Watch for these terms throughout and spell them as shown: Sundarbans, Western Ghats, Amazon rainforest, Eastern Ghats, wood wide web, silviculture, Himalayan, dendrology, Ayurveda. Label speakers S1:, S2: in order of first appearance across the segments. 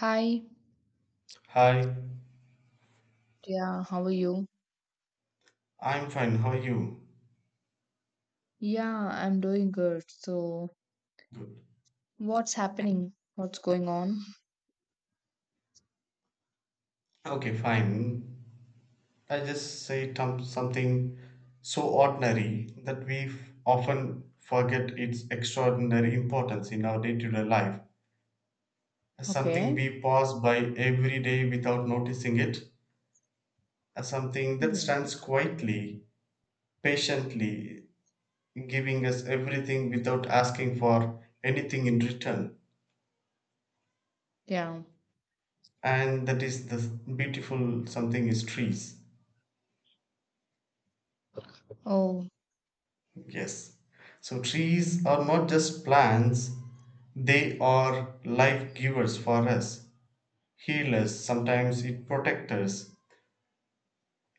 S1: Hi.
S2: Hi,
S1: Yeah, how are you?
S2: I'm fine. How are you?
S1: Yeah, I'm doing good. So,
S2: Good.
S1: what's happening? What's going on?
S2: Okay, fine. I just say tom- Something so ordinary that often forget its extraordinary importance in our day to day life. Something
S1: Okay.
S2: we pass by every day without noticing it. Something that
S1: Hmm.
S2: stands quietly, patiently, giving us everything without asking for anything in return.
S1: Yeah.
S2: And that is the beautiful something is trees.
S1: Oh,
S2: Yes. So trees are not just plants, they are life givers for us, healers, sometimes it protectors,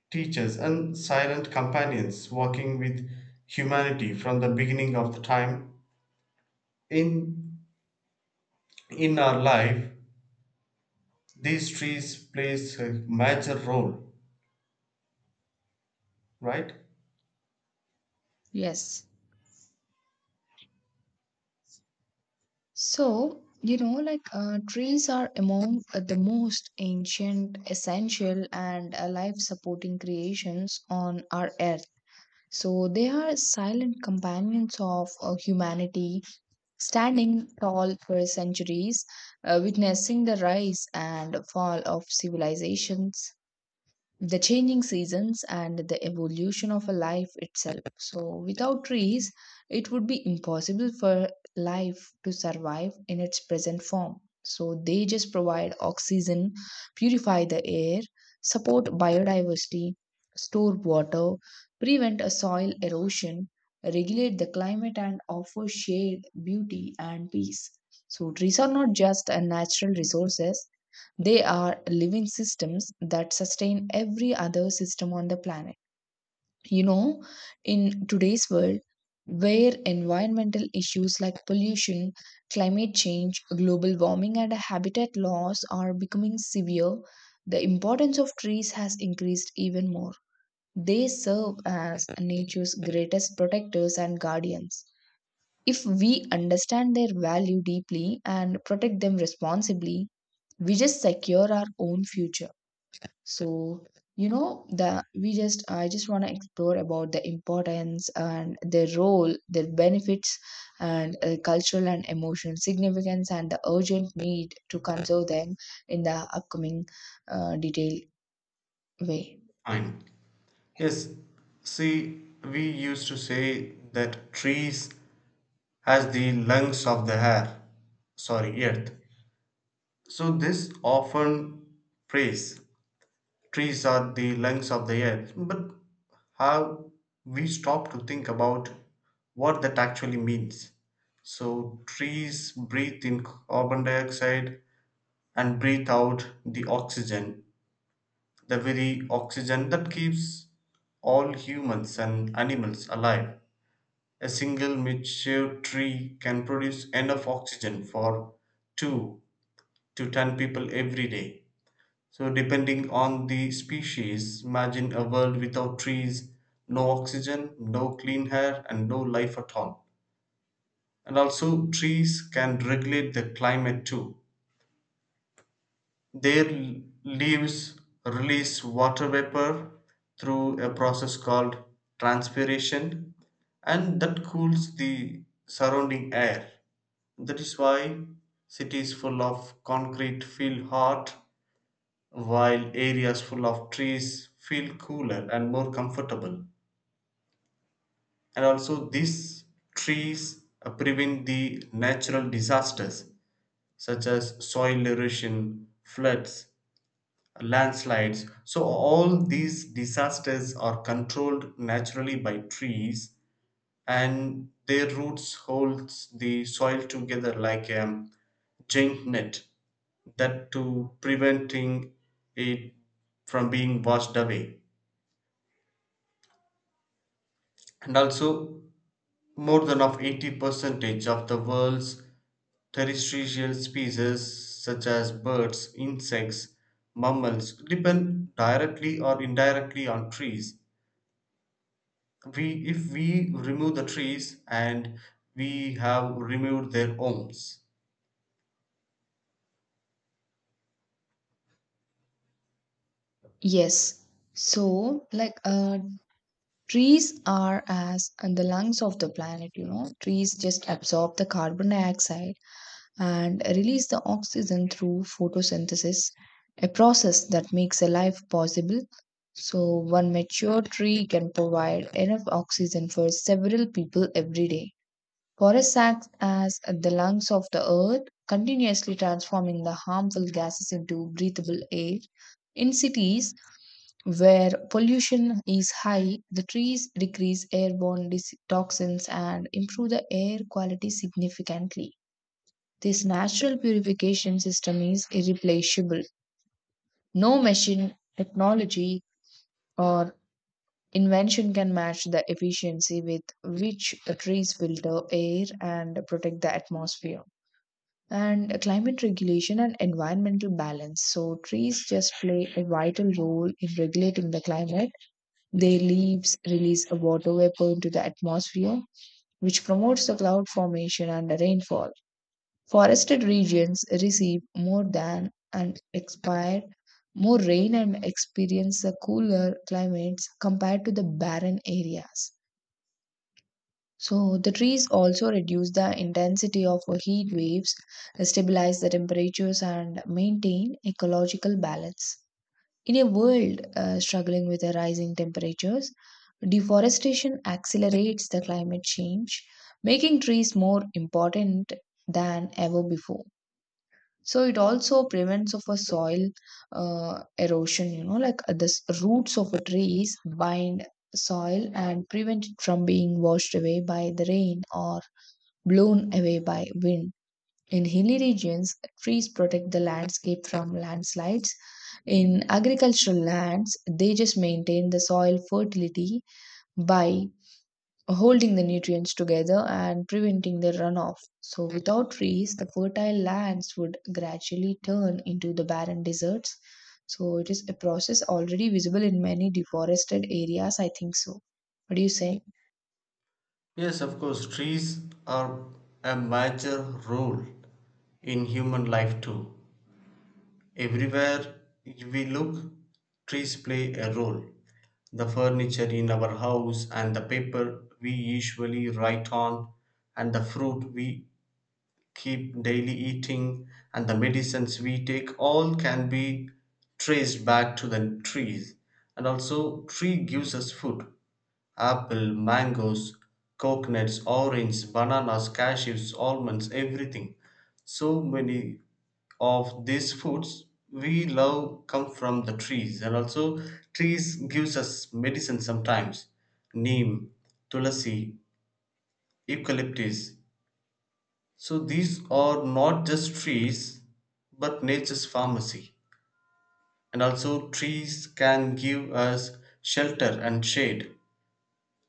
S2: teachers, and silent companions walking with humanity from the beginning of the time. In in our life, these trees plays a major role, right?
S1: yes. So, you know, like trees are among the most ancient, essential, and life supporting creations on our earth. So, they are silent companions of humanity standing tall for centuries, witnessing the rise and fall of civilizations, the changing seasons and the evolution of a life itself. So, without trees, it would be impossible for life to survive in its present form. So, they just provide oxygen, purify the air, support biodiversity, store water, prevent a soil erosion, regulate the climate, and offer shade, beauty, and peace. So, trees are not just a natural resources, they are living systems that sustain every other system on the planet. You know, in today's world, where environmental issues like pollution, climate change, global warming, and habitat loss are becoming severe, the importance of trees has increased even more. They serve as nature's greatest protectors and guardians. If we understand their value deeply and protect them responsibly, we just secure our own future. So, you know, the we just I just want to explore about the importance and their role, their benefits, and cultural and emotional significance, and the urgent need to conserve them in the upcoming detailed way.
S2: Fine. Yes. See, we used to say that trees has the lungs of the air, sorry, earth. So this often praise trees are the lungs of the earth, but how we stop to think about what that actually means. So trees breathe in carbon dioxide and breathe out the oxygen, the very oxygen that keeps all humans and animals alive. A single mature tree can produce enough oxygen for 2 to 10 people every day. So, depending on the species, imagine a world without trees, no oxygen, no clean air, and no life at all. And also, trees can regulate the climate too. Their l- leaves release water vapor through a process called transpiration, and that cools the surrounding air. That is why cities full of concrete feel hot while areas full of trees feel cooler and more comfortable. And also, these trees prevent the natural disasters such as soil erosion, floods, landslides. So, all these disasters are controlled naturally by trees, and their roots holds the soil together like a giant net that to preventing it from being washed away. And also, more than of 80 percentage of the world's terrestrial species such as birds, insects, mammals depend directly or indirectly on trees. We if we remove the trees, and we have removed their homes.
S1: Yes. So, like, trees are as and the lungs of the planet. You know, trees just absorb the carbon dioxide and release the oxygen through photosynthesis, a process that makes a life possible. So, one mature tree can provide enough oxygen for several people every day. Forests act as the lungs of the earth, continuously transforming the harmful gases into breathable air. In cities where pollution is high, the trees decrease airborne dis- toxins and improve the air quality significantly. This natural purification system is irreplaceable. No machine, technology, or invention can match the efficiency with which trees filter air and protect the atmosphere. And climate regulation and environmental balance. So, trees just play a vital role in regulating the climate. Their leaves release a water vapor into the atmosphere, which promotes the cloud formation and the rainfall. Forested regions receive more than and expire more rain and experience the cooler climates compared to the barren areas. So, the trees also reduce the intensity of heat waves, stabilize the temperatures, and maintain ecological balance. In a world struggling with the rising temperatures, deforestation accelerates the climate change, making trees more important than ever before. So it also prevents of a soil erosion, you know, like the s- roots of a trees bind soil and prevent it from being washed away by the rain or blown away by wind. In hilly regions, trees protect the landscape from landslides. In agricultural lands, they just maintain the soil fertility by holding the nutrients together and preventing their runoff. So, without trees, the fertile lands would gradually turn into the barren deserts. So, it is a process already visible in many deforested areas, I think so. What do you say?
S2: Yes, of course trees are a major role in human life too. Everywhere we look, trees play a role. The furniture in our house, and the paper we usually write on, and the fruit we keep daily eating, and the medicines we take all can be traced back to the trees. And also, tree gives us food. Apple, mangoes, coconuts, oranges, bananas, cashews, almonds, everything. So many of these foods we love come from the trees. And also, trees gives us medicine sometimes, neem, tulasi, eucalyptus. So these are not just trees but nature's pharmacy. And also, trees can give us shelter and shade.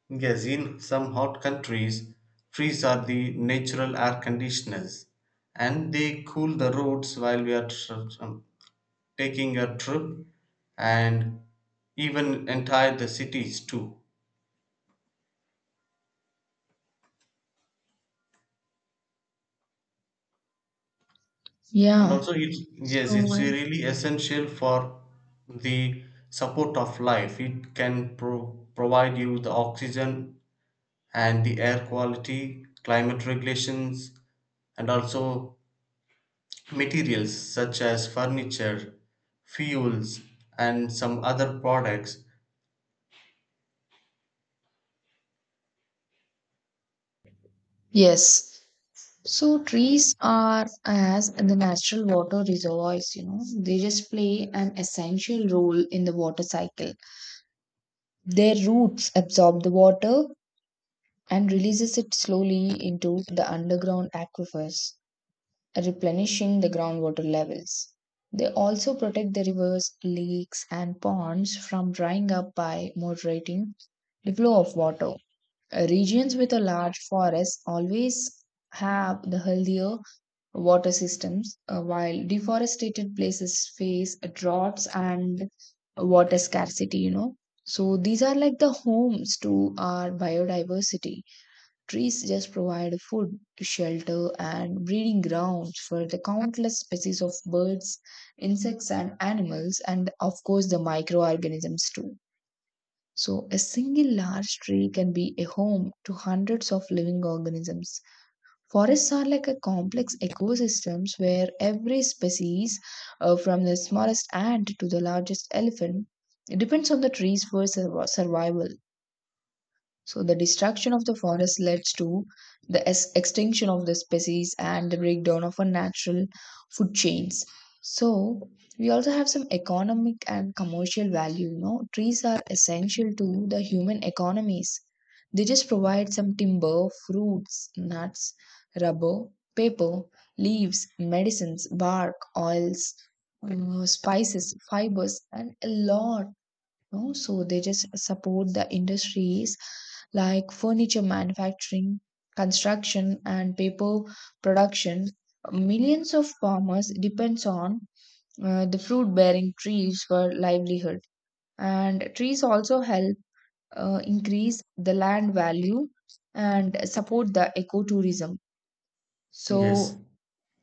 S2: Yes, in some hot countries, trees are the natural air conditioners and they cool the roads while we are um, taking a trip and even entire the cities too. And
S1: Yeah.
S2: also it's, yes, it's
S1: So,
S2: really essential for the support of life. It can provide you the oxygen and the air quality climate regulations, and also materials such as furniture, fuels, and some other products.
S1: yes. So, trees are as the natural water reservoirs, you know, they just play an essential role in the water cycle. Their roots absorb the water, and releases it slowly into the underground aquifers, replenishing the groundwater levels. They also protect the rivers, lakes, and ponds from drying up by moderating the flow of water. Regions with a large forest always have the healthier water systems, while deforested places face droughts and water scarcity, you know. So these are like the homes to our biodiversity. Trees just provide food, shelter, and breeding grounds for the countless species of birds, insects, and animals, and of course, the microorganisms too. So, a single large tree can be a home to hundreds of living organisms. Forests are like a complex ecosystems where every species, from the smallest ant to the largest elephant, depends on the trees for survival. So the destruction of the forest leads to the es- extinction of the species and the breakdown of our natural food chains. So we also have some economic and commercial value. You know, trees are essential to the human economies. They just provide some timber, fruits, nuts, rubber, paper, leaves, medicines, bark, oils, spices, fibers, and a lot know, so they just support the industries like furniture manufacturing, construction and paper production. Millions of farmers depends on the fruit bearing trees for livelihood, and trees also help increase the land value and support the ecotourism.
S2: Yes.
S1: So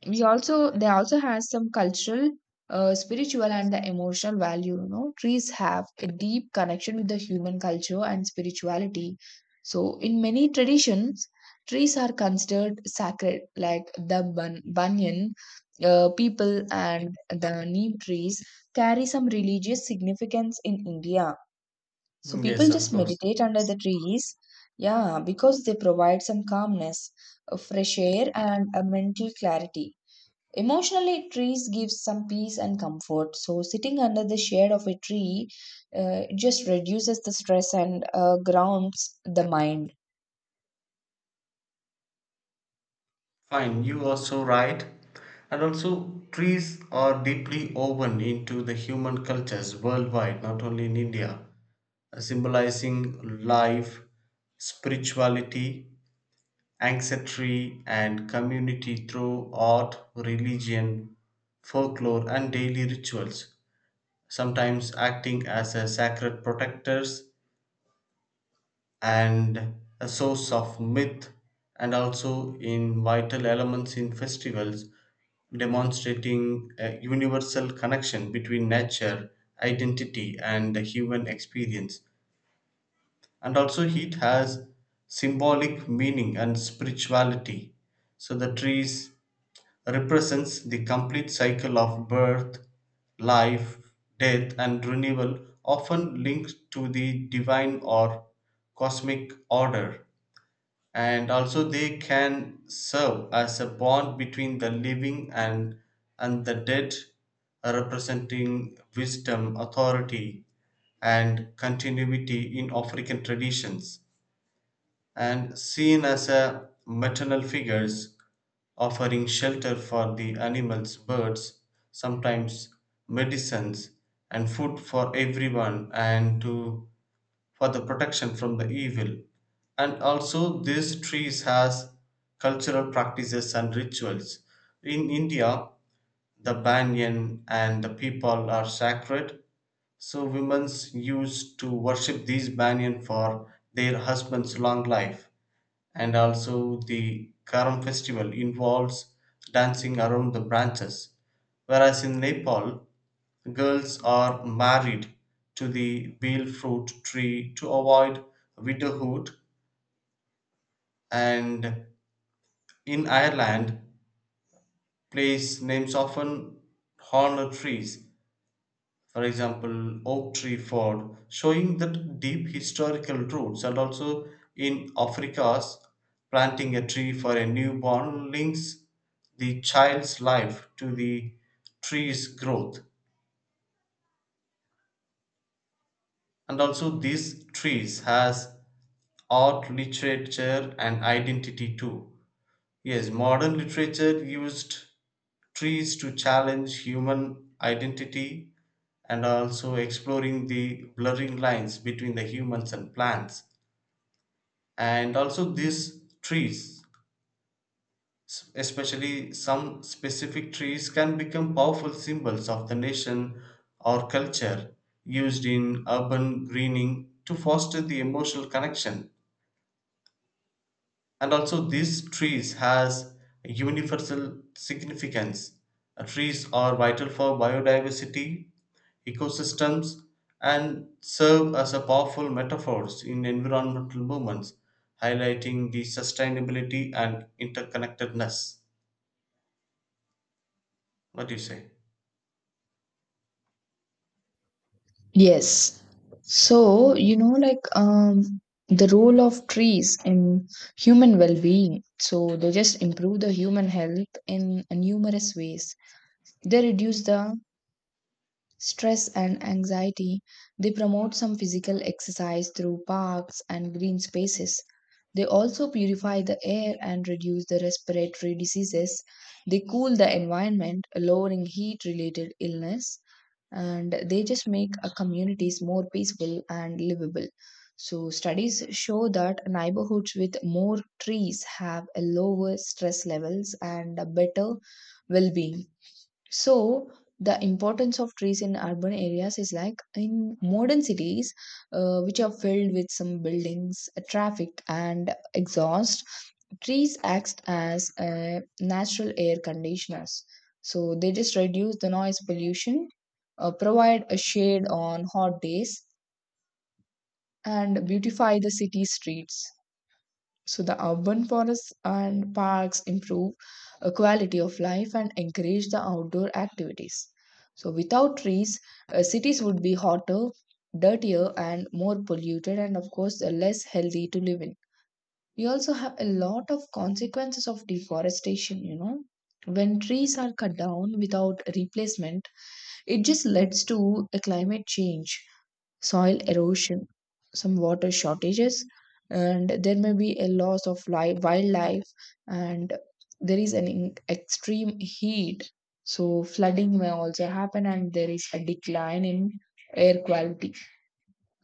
S1: we also they also has some cultural, spiritual, and the emotional value. You know, trees have a deep connection with the human culture and spirituality. So in many traditions, trees are considered sacred, like the bun- banyan. People and the neem trees carry some religious significance in India. So
S2: Yes,
S1: people
S2: of
S1: just
S2: course.
S1: meditate under the trees, yeah, because they provide some calmness, a fresh air, and a mental clarity. Emotionally, trees give some peace and comfort. So sitting under the shade of a tree just reduces the stress and grounds the mind.
S2: Fine, you are so right. And also, trees are deeply woven into the human cultures worldwide, not only in India, symbolizing life, spirituality, ancestry, and community through art, religion, folklore, and daily rituals, sometimes acting as a sacred protectors and a source of myth, and also in vital elements in festivals, demonstrating a universal connection between nature, identity, and the human experience. And also heat has symbolic meaning and spirituality. So the trees represents the complete cycle of birth, life, death and renewal, often linked to the divine or cosmic order. And also they can serve as a bond between the living and the dead, representing wisdom, authority, and continuity in African traditions, and seen as a maternal figures offering shelter for the animals, birds, sometimes medicines, and food for everyone, and to for the protection from the evil. And also these trees has cultural practices and rituals. In India, the banyan and the people are sacred. So women used to worship these banyan for their husband's long life. And also the Karam festival involves dancing around the branches. Whereas in Nepal, girls are married to the bale fruit tree to avoid widowhood, and in Ireland, place names often honor trees, for example oak tree ford, showing that deep historical roots. And also in Africa's, planting a tree for a newborn links the child's life to the tree's growth. And also these trees has art, literature and identity too. Yes, modern literature used trees to challenge human identity and also exploring the blurring lines between the humans and plants. And also, these trees, especially some specific trees, can become powerful symbols of the nation or culture, used in urban greening to foster the emotional connection. And also these trees has a universal significance. Trees are vital for biodiversity, ecosystems, and serve as a powerful metaphors in environmental movements, highlighting the sustainability and interconnectedness. What do you say?
S1: Yes. So, you know, like the role of trees in human well being. So, they just improve the human health in numerous ways. They reduce the stress and anxiety, they promote some physical exercise through parks and green spaces. They also purify the air and reduce the respiratory diseases. They cool the environment, lowering heat related illness, and they just make our communities more peaceful and livable. So, studies show that neighborhoods with more trees have a lower stress levels and a better well being. So the importance of trees in urban areas is like in modern cities, which are filled with some buildings, traffic, and exhaust. Trees act as natural air conditioners. So they just reduce the noise pollution, provide a shade on hot days, and beautify the city streets. So the urban forests and parks improve a quality of life and encourage the outdoor activities. So without trees, cities would be hotter, dirtier, and more polluted, and of course, less healthy to live in. We also have a lot of consequences of deforestation, you know. When trees are cut down without replacement, it just leads to a climate change, soil erosion, some water shortages, and there may be a loss of life, wildlife, and there is an in- extreme heat. So, flooding may also happen, and there is a decline in air quality.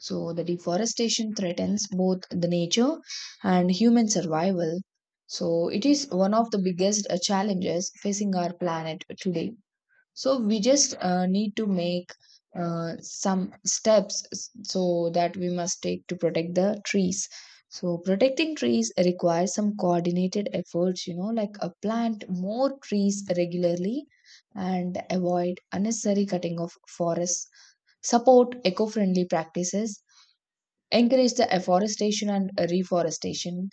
S1: So, the deforestation threatens both the nature and human survival. So, it is one of the biggest challenges facing our planet today. So we just need to make some steps s- so that we must take to protect the trees. So protecting trees requires some coordinated efforts, you know, like plant more trees regularly and avoid unnecessary cutting of forests, support eco-friendly practices, encourage the afforestation and reforestation,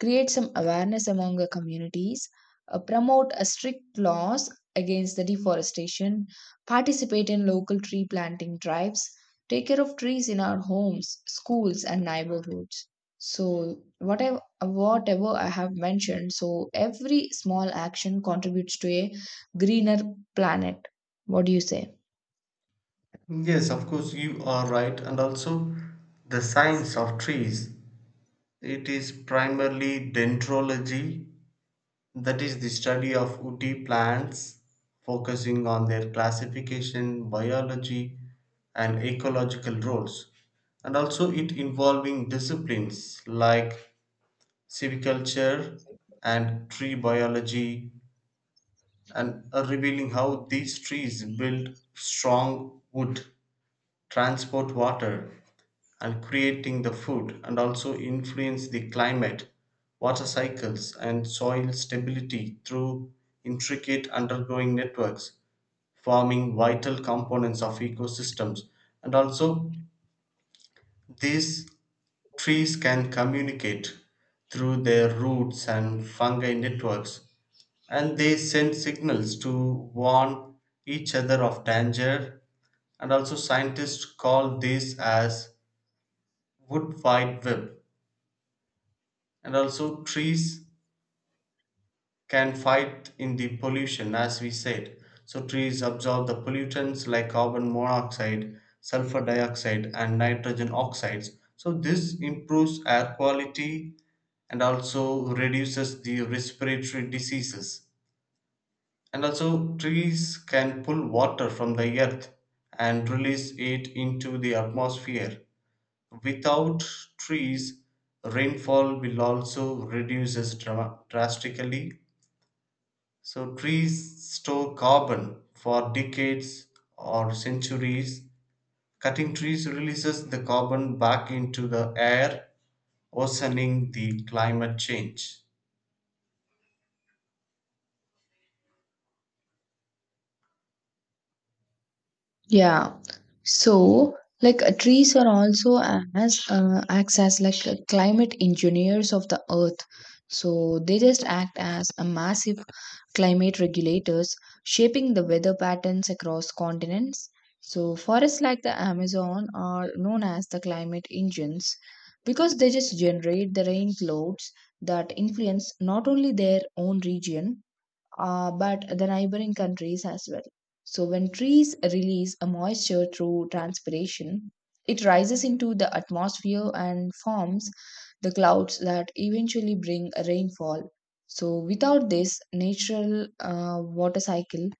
S1: create some awareness among the communities, promote a strict laws against the deforestation, participate in local tree planting drives, take care of trees in our homes, schools, and neighborhoods. So whatever I have mentioned, so every small action contributes to a greener planet. What do you say?
S2: Yes, of course you are right. And also, the science of trees, it is primarily dendrology. That is the study of woody plants, focusing on their classification, biology, and ecological roles, and also it involving disciplines like civiculture and tree biology, and revealing how these trees build strong wood, transport water, and creating the food, and also influence the climate, water cycles, and soil stability through intricate undergoing networks, forming vital components of ecosystems. And also, these trees can communicate through their roots and fungi networks, and they send signals to warn each other of danger. And also, scientists call this as wood wide web. And also trees can fight in the pollution, as we said. So trees absorb the pollutants like carbon monoxide, sulfur dioxide and nitrogen oxides. So this improves air quality, and also reduces the respiratory diseases. And also trees can pull water from the earth and release it into the atmosphere. Without trees, rainfall will also reduces drastically. So trees store carbon for decades or centuries. Cutting trees releases the carbon back into the air, worsening the climate change.
S1: Yeah. So, like trees are also as acts as like climate engineers of the earth. So they just act as a massive climate regulators, shaping the weather patterns across continents. So forests like the Amazon are known as the climate engines because they just generate the rain clouds that influence not only their own region but the neighboring countries as well. So, when trees release a moisture through transpiration, it rises into the atmosphere and forms the clouds that eventually bring a rainfall. So, without this natural water cycle,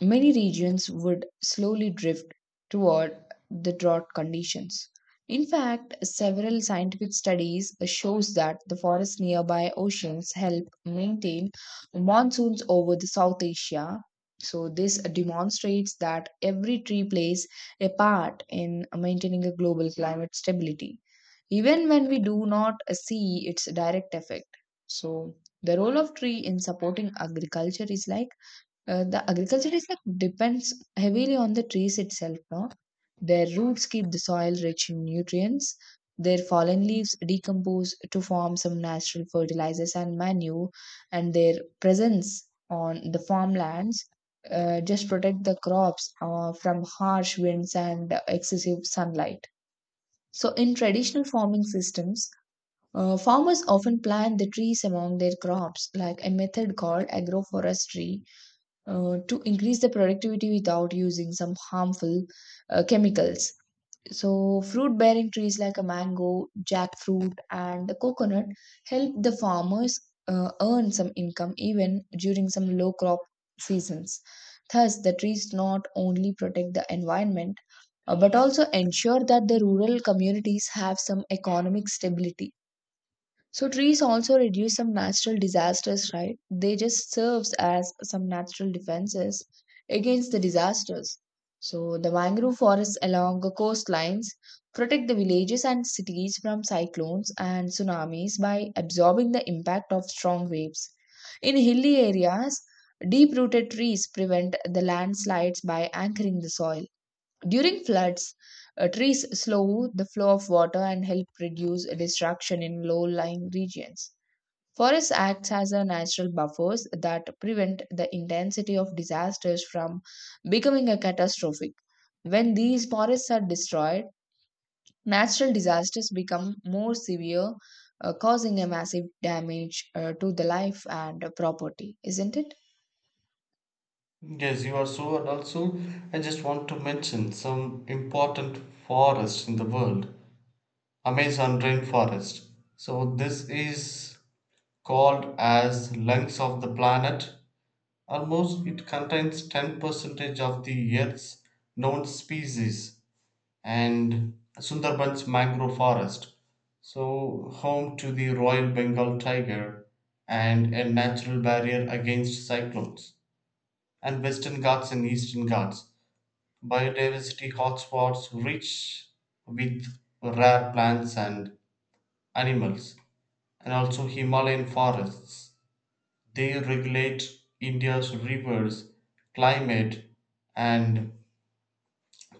S1: many regions would slowly drift toward the drought conditions. In fact, several scientific studies shows that the forests nearby oceans help maintain monsoons over the South Asia. So this demonstrates that every tree plays a part in maintaining a global climate stability, even when we do not see its direct effect. So the role of tree in supporting agriculture is like the agriculture is like depends heavily on the trees itself, no? Their roots keep the soil rich in nutrients. Their fallen leaves decompose to form some natural fertilizers and manure, and their presence on the farmlands just protect the crops from harsh winds and excessive sunlight. So, in traditional farming systems, farmers often plant the trees among their crops, like a method called agroforestry to increase the productivity without using some harmful chemicals. So, fruit bearing trees like a mango, jackfruit, and the coconut help the farmers earn some income even during some low crop seasons. Thus, the trees not only protect the environment but also ensure that the rural communities have some economic stability. So trees also reduce some natural disasters, right? They just serves as some natural defenses against the disasters. So the mangrove forests along the coastlines protect the villages and cities from cyclones and tsunamis by absorbing the impact of strong waves. In hilly areas, deep-rooted trees prevent the landslides by anchoring the soil. During floods, trees slow the flow of water and help reduce destruction in low-lying regions. Forest acts as a natural buffers that prevent the intensity of disasters from becoming a catastrophic. When these forests are destroyed, natural disasters become more severe, causing a massive damage to the life and property, isn't it?
S2: Yes, you are so, and also I just want to mention some important forests in the world. Amazon rainforest. So this is called as lungs of the planet. Almost it contains 10 percentage of the earth's known species. And Sundarbans mangrove forest, so home to the royal Bengal tiger, and a natural barrier against cyclones. And Western Ghats and Eastern Ghats, biodiversity hotspots, rich with rare plants and animals. And also Himalayan forests, they regulate India's rivers, climate, and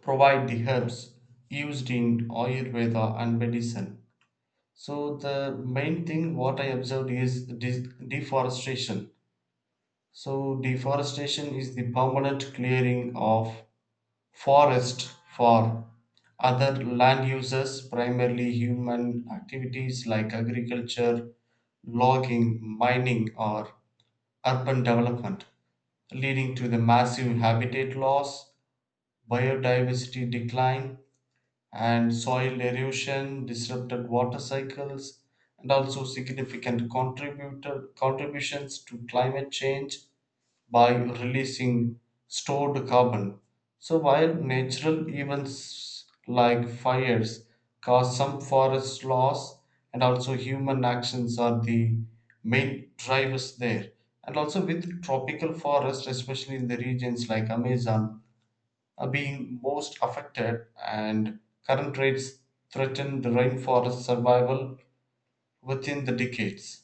S2: provide the herbs used in Ayurveda and medicine. So, the main thing what I observed is deforestation. So, deforestation is the permanent clearing of forest for other land uses, primarily human activities like agriculture, logging, mining, or urban development, leading to the massive habitat loss, biodiversity decline, and soil erosion, disrupted water cycles, and also significant contributions to climate change by releasing stored carbon. So, while natural events like fires cause some forest loss, and also human actions are the main drivers there. And also, with tropical forests, especially in the regions like Amazon, are being most affected, and current rates threaten the rainforest survival within the decades.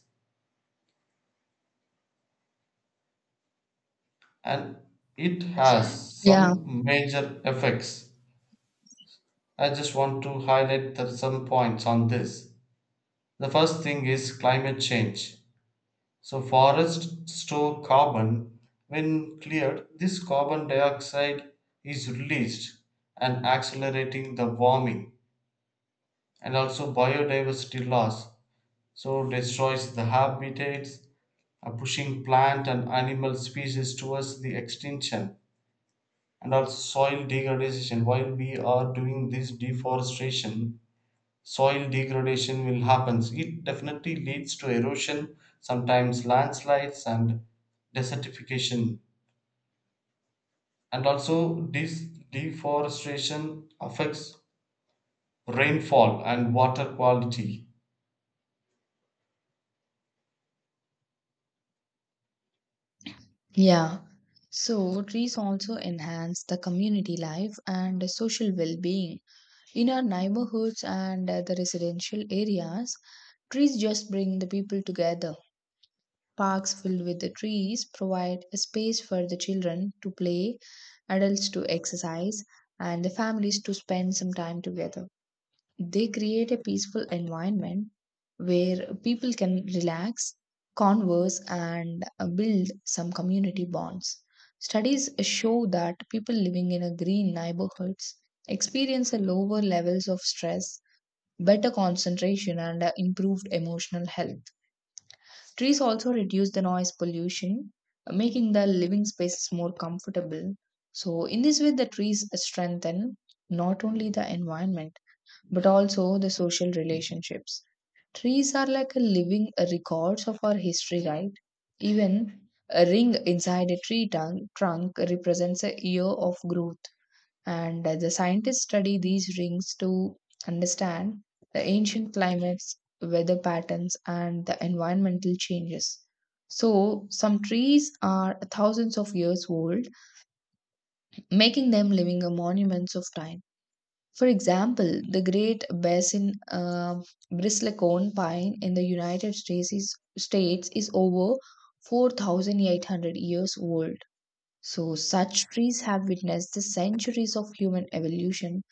S2: And it has
S1: Yeah.
S2: some major effects. I just want to highlight the, some points on this. The first thing is climate change. So, forests store carbon. When cleared, this carbon dioxide is released and accelerating the warming, and also biodiversity loss. So, destroys the habitats, pushing plant and animal species towards the extinction, and also soil degradation. While we are doing this deforestation, soil degradation will happen. It definitely leads to erosion, sometimes landslides and desertification. And also this deforestation affects rainfall and water quality.
S1: Yeah. So trees also enhance the community life and social well-being. In our neighborhoods and the residential areas, trees just bring the people together. Parks filled with the trees provide a space for the children to play, adults to exercise, and the families to spend some time together. They create a peaceful environment where people can relax, converse, and build some community bonds. Studies show that people living in a green neighborhoods experience a lower levels of stress, better concentration, and improved emotional health. Trees also reduce the noise pollution, making the living spaces more comfortable. So, in this way, the trees strengthen not only the environment but also the social relationships. Trees are like a living records of our history, right? Even a ring inside a tree tongue, trunk represents a year of growth. And the scientists study these rings to understand the ancient climates, weather patterns, and the environmental changes. So, some trees are thousands of years old, making them living a monuments of time. For example, the Great Basin bristlecone pine in the United States is over 4,800 years old. So, such trees have witnessed the centuries of human evolution,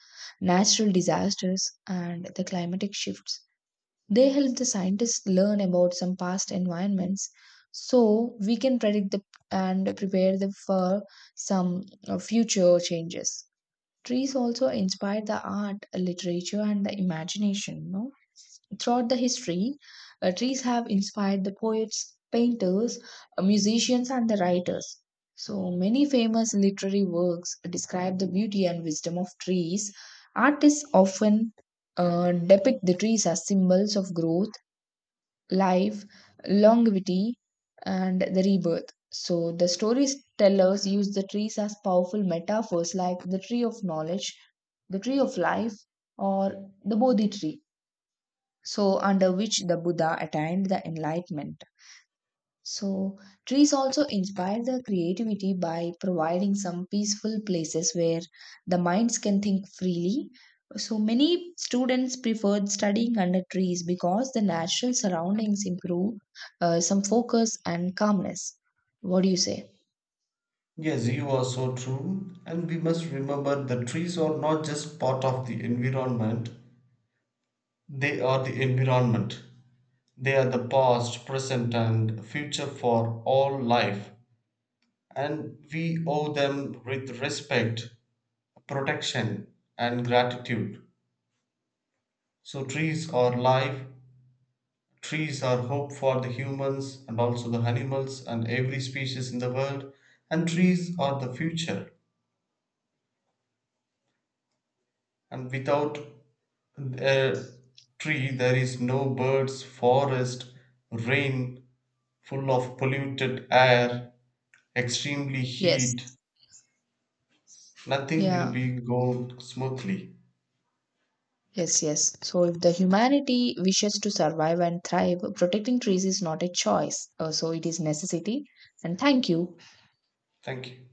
S1: natural disasters, and the climatic shifts. They help the scientists learn about some past environments so we can predict the, and prepare them for some future changes. Trees also inspired the art, literature, and the imagination. No? Throughout the history, trees have inspired the poets, painters, musicians, and the writers. So many famous literary works describe the beauty and wisdom of trees. Artists often depict the trees as symbols of growth, life, longevity, and the rebirth. So the storytellers use the trees as powerful metaphors like the tree of knowledge, the tree of life, or the Bodhi tree, so under which the Buddha attained the enlightenment. So, trees also inspire the creativity by providing some peaceful places where the minds can think freely. So, many students preferred studying under trees because the natural surroundings improve some focus and calmness. What do you say?
S2: Yes, you are so true, and we must remember that trees are not just part of the environment, they are the environment. They are the past, present and future for all life, and we owe them with respect, protection, and gratitude. So trees are life, trees are hope for the humans and also the animals and every species in the world, and trees are the future. And without a tree, there is no birds, forest, rain, full of polluted air, extremely
S1: Yes.
S2: heat. Nothing will
S1: Yeah.
S2: be go smoothly.
S1: Yes, yes. So, if the humanity wishes to survive and thrive, protecting trees is not a choice. So, it is necessity. And thank you.
S2: Thank you.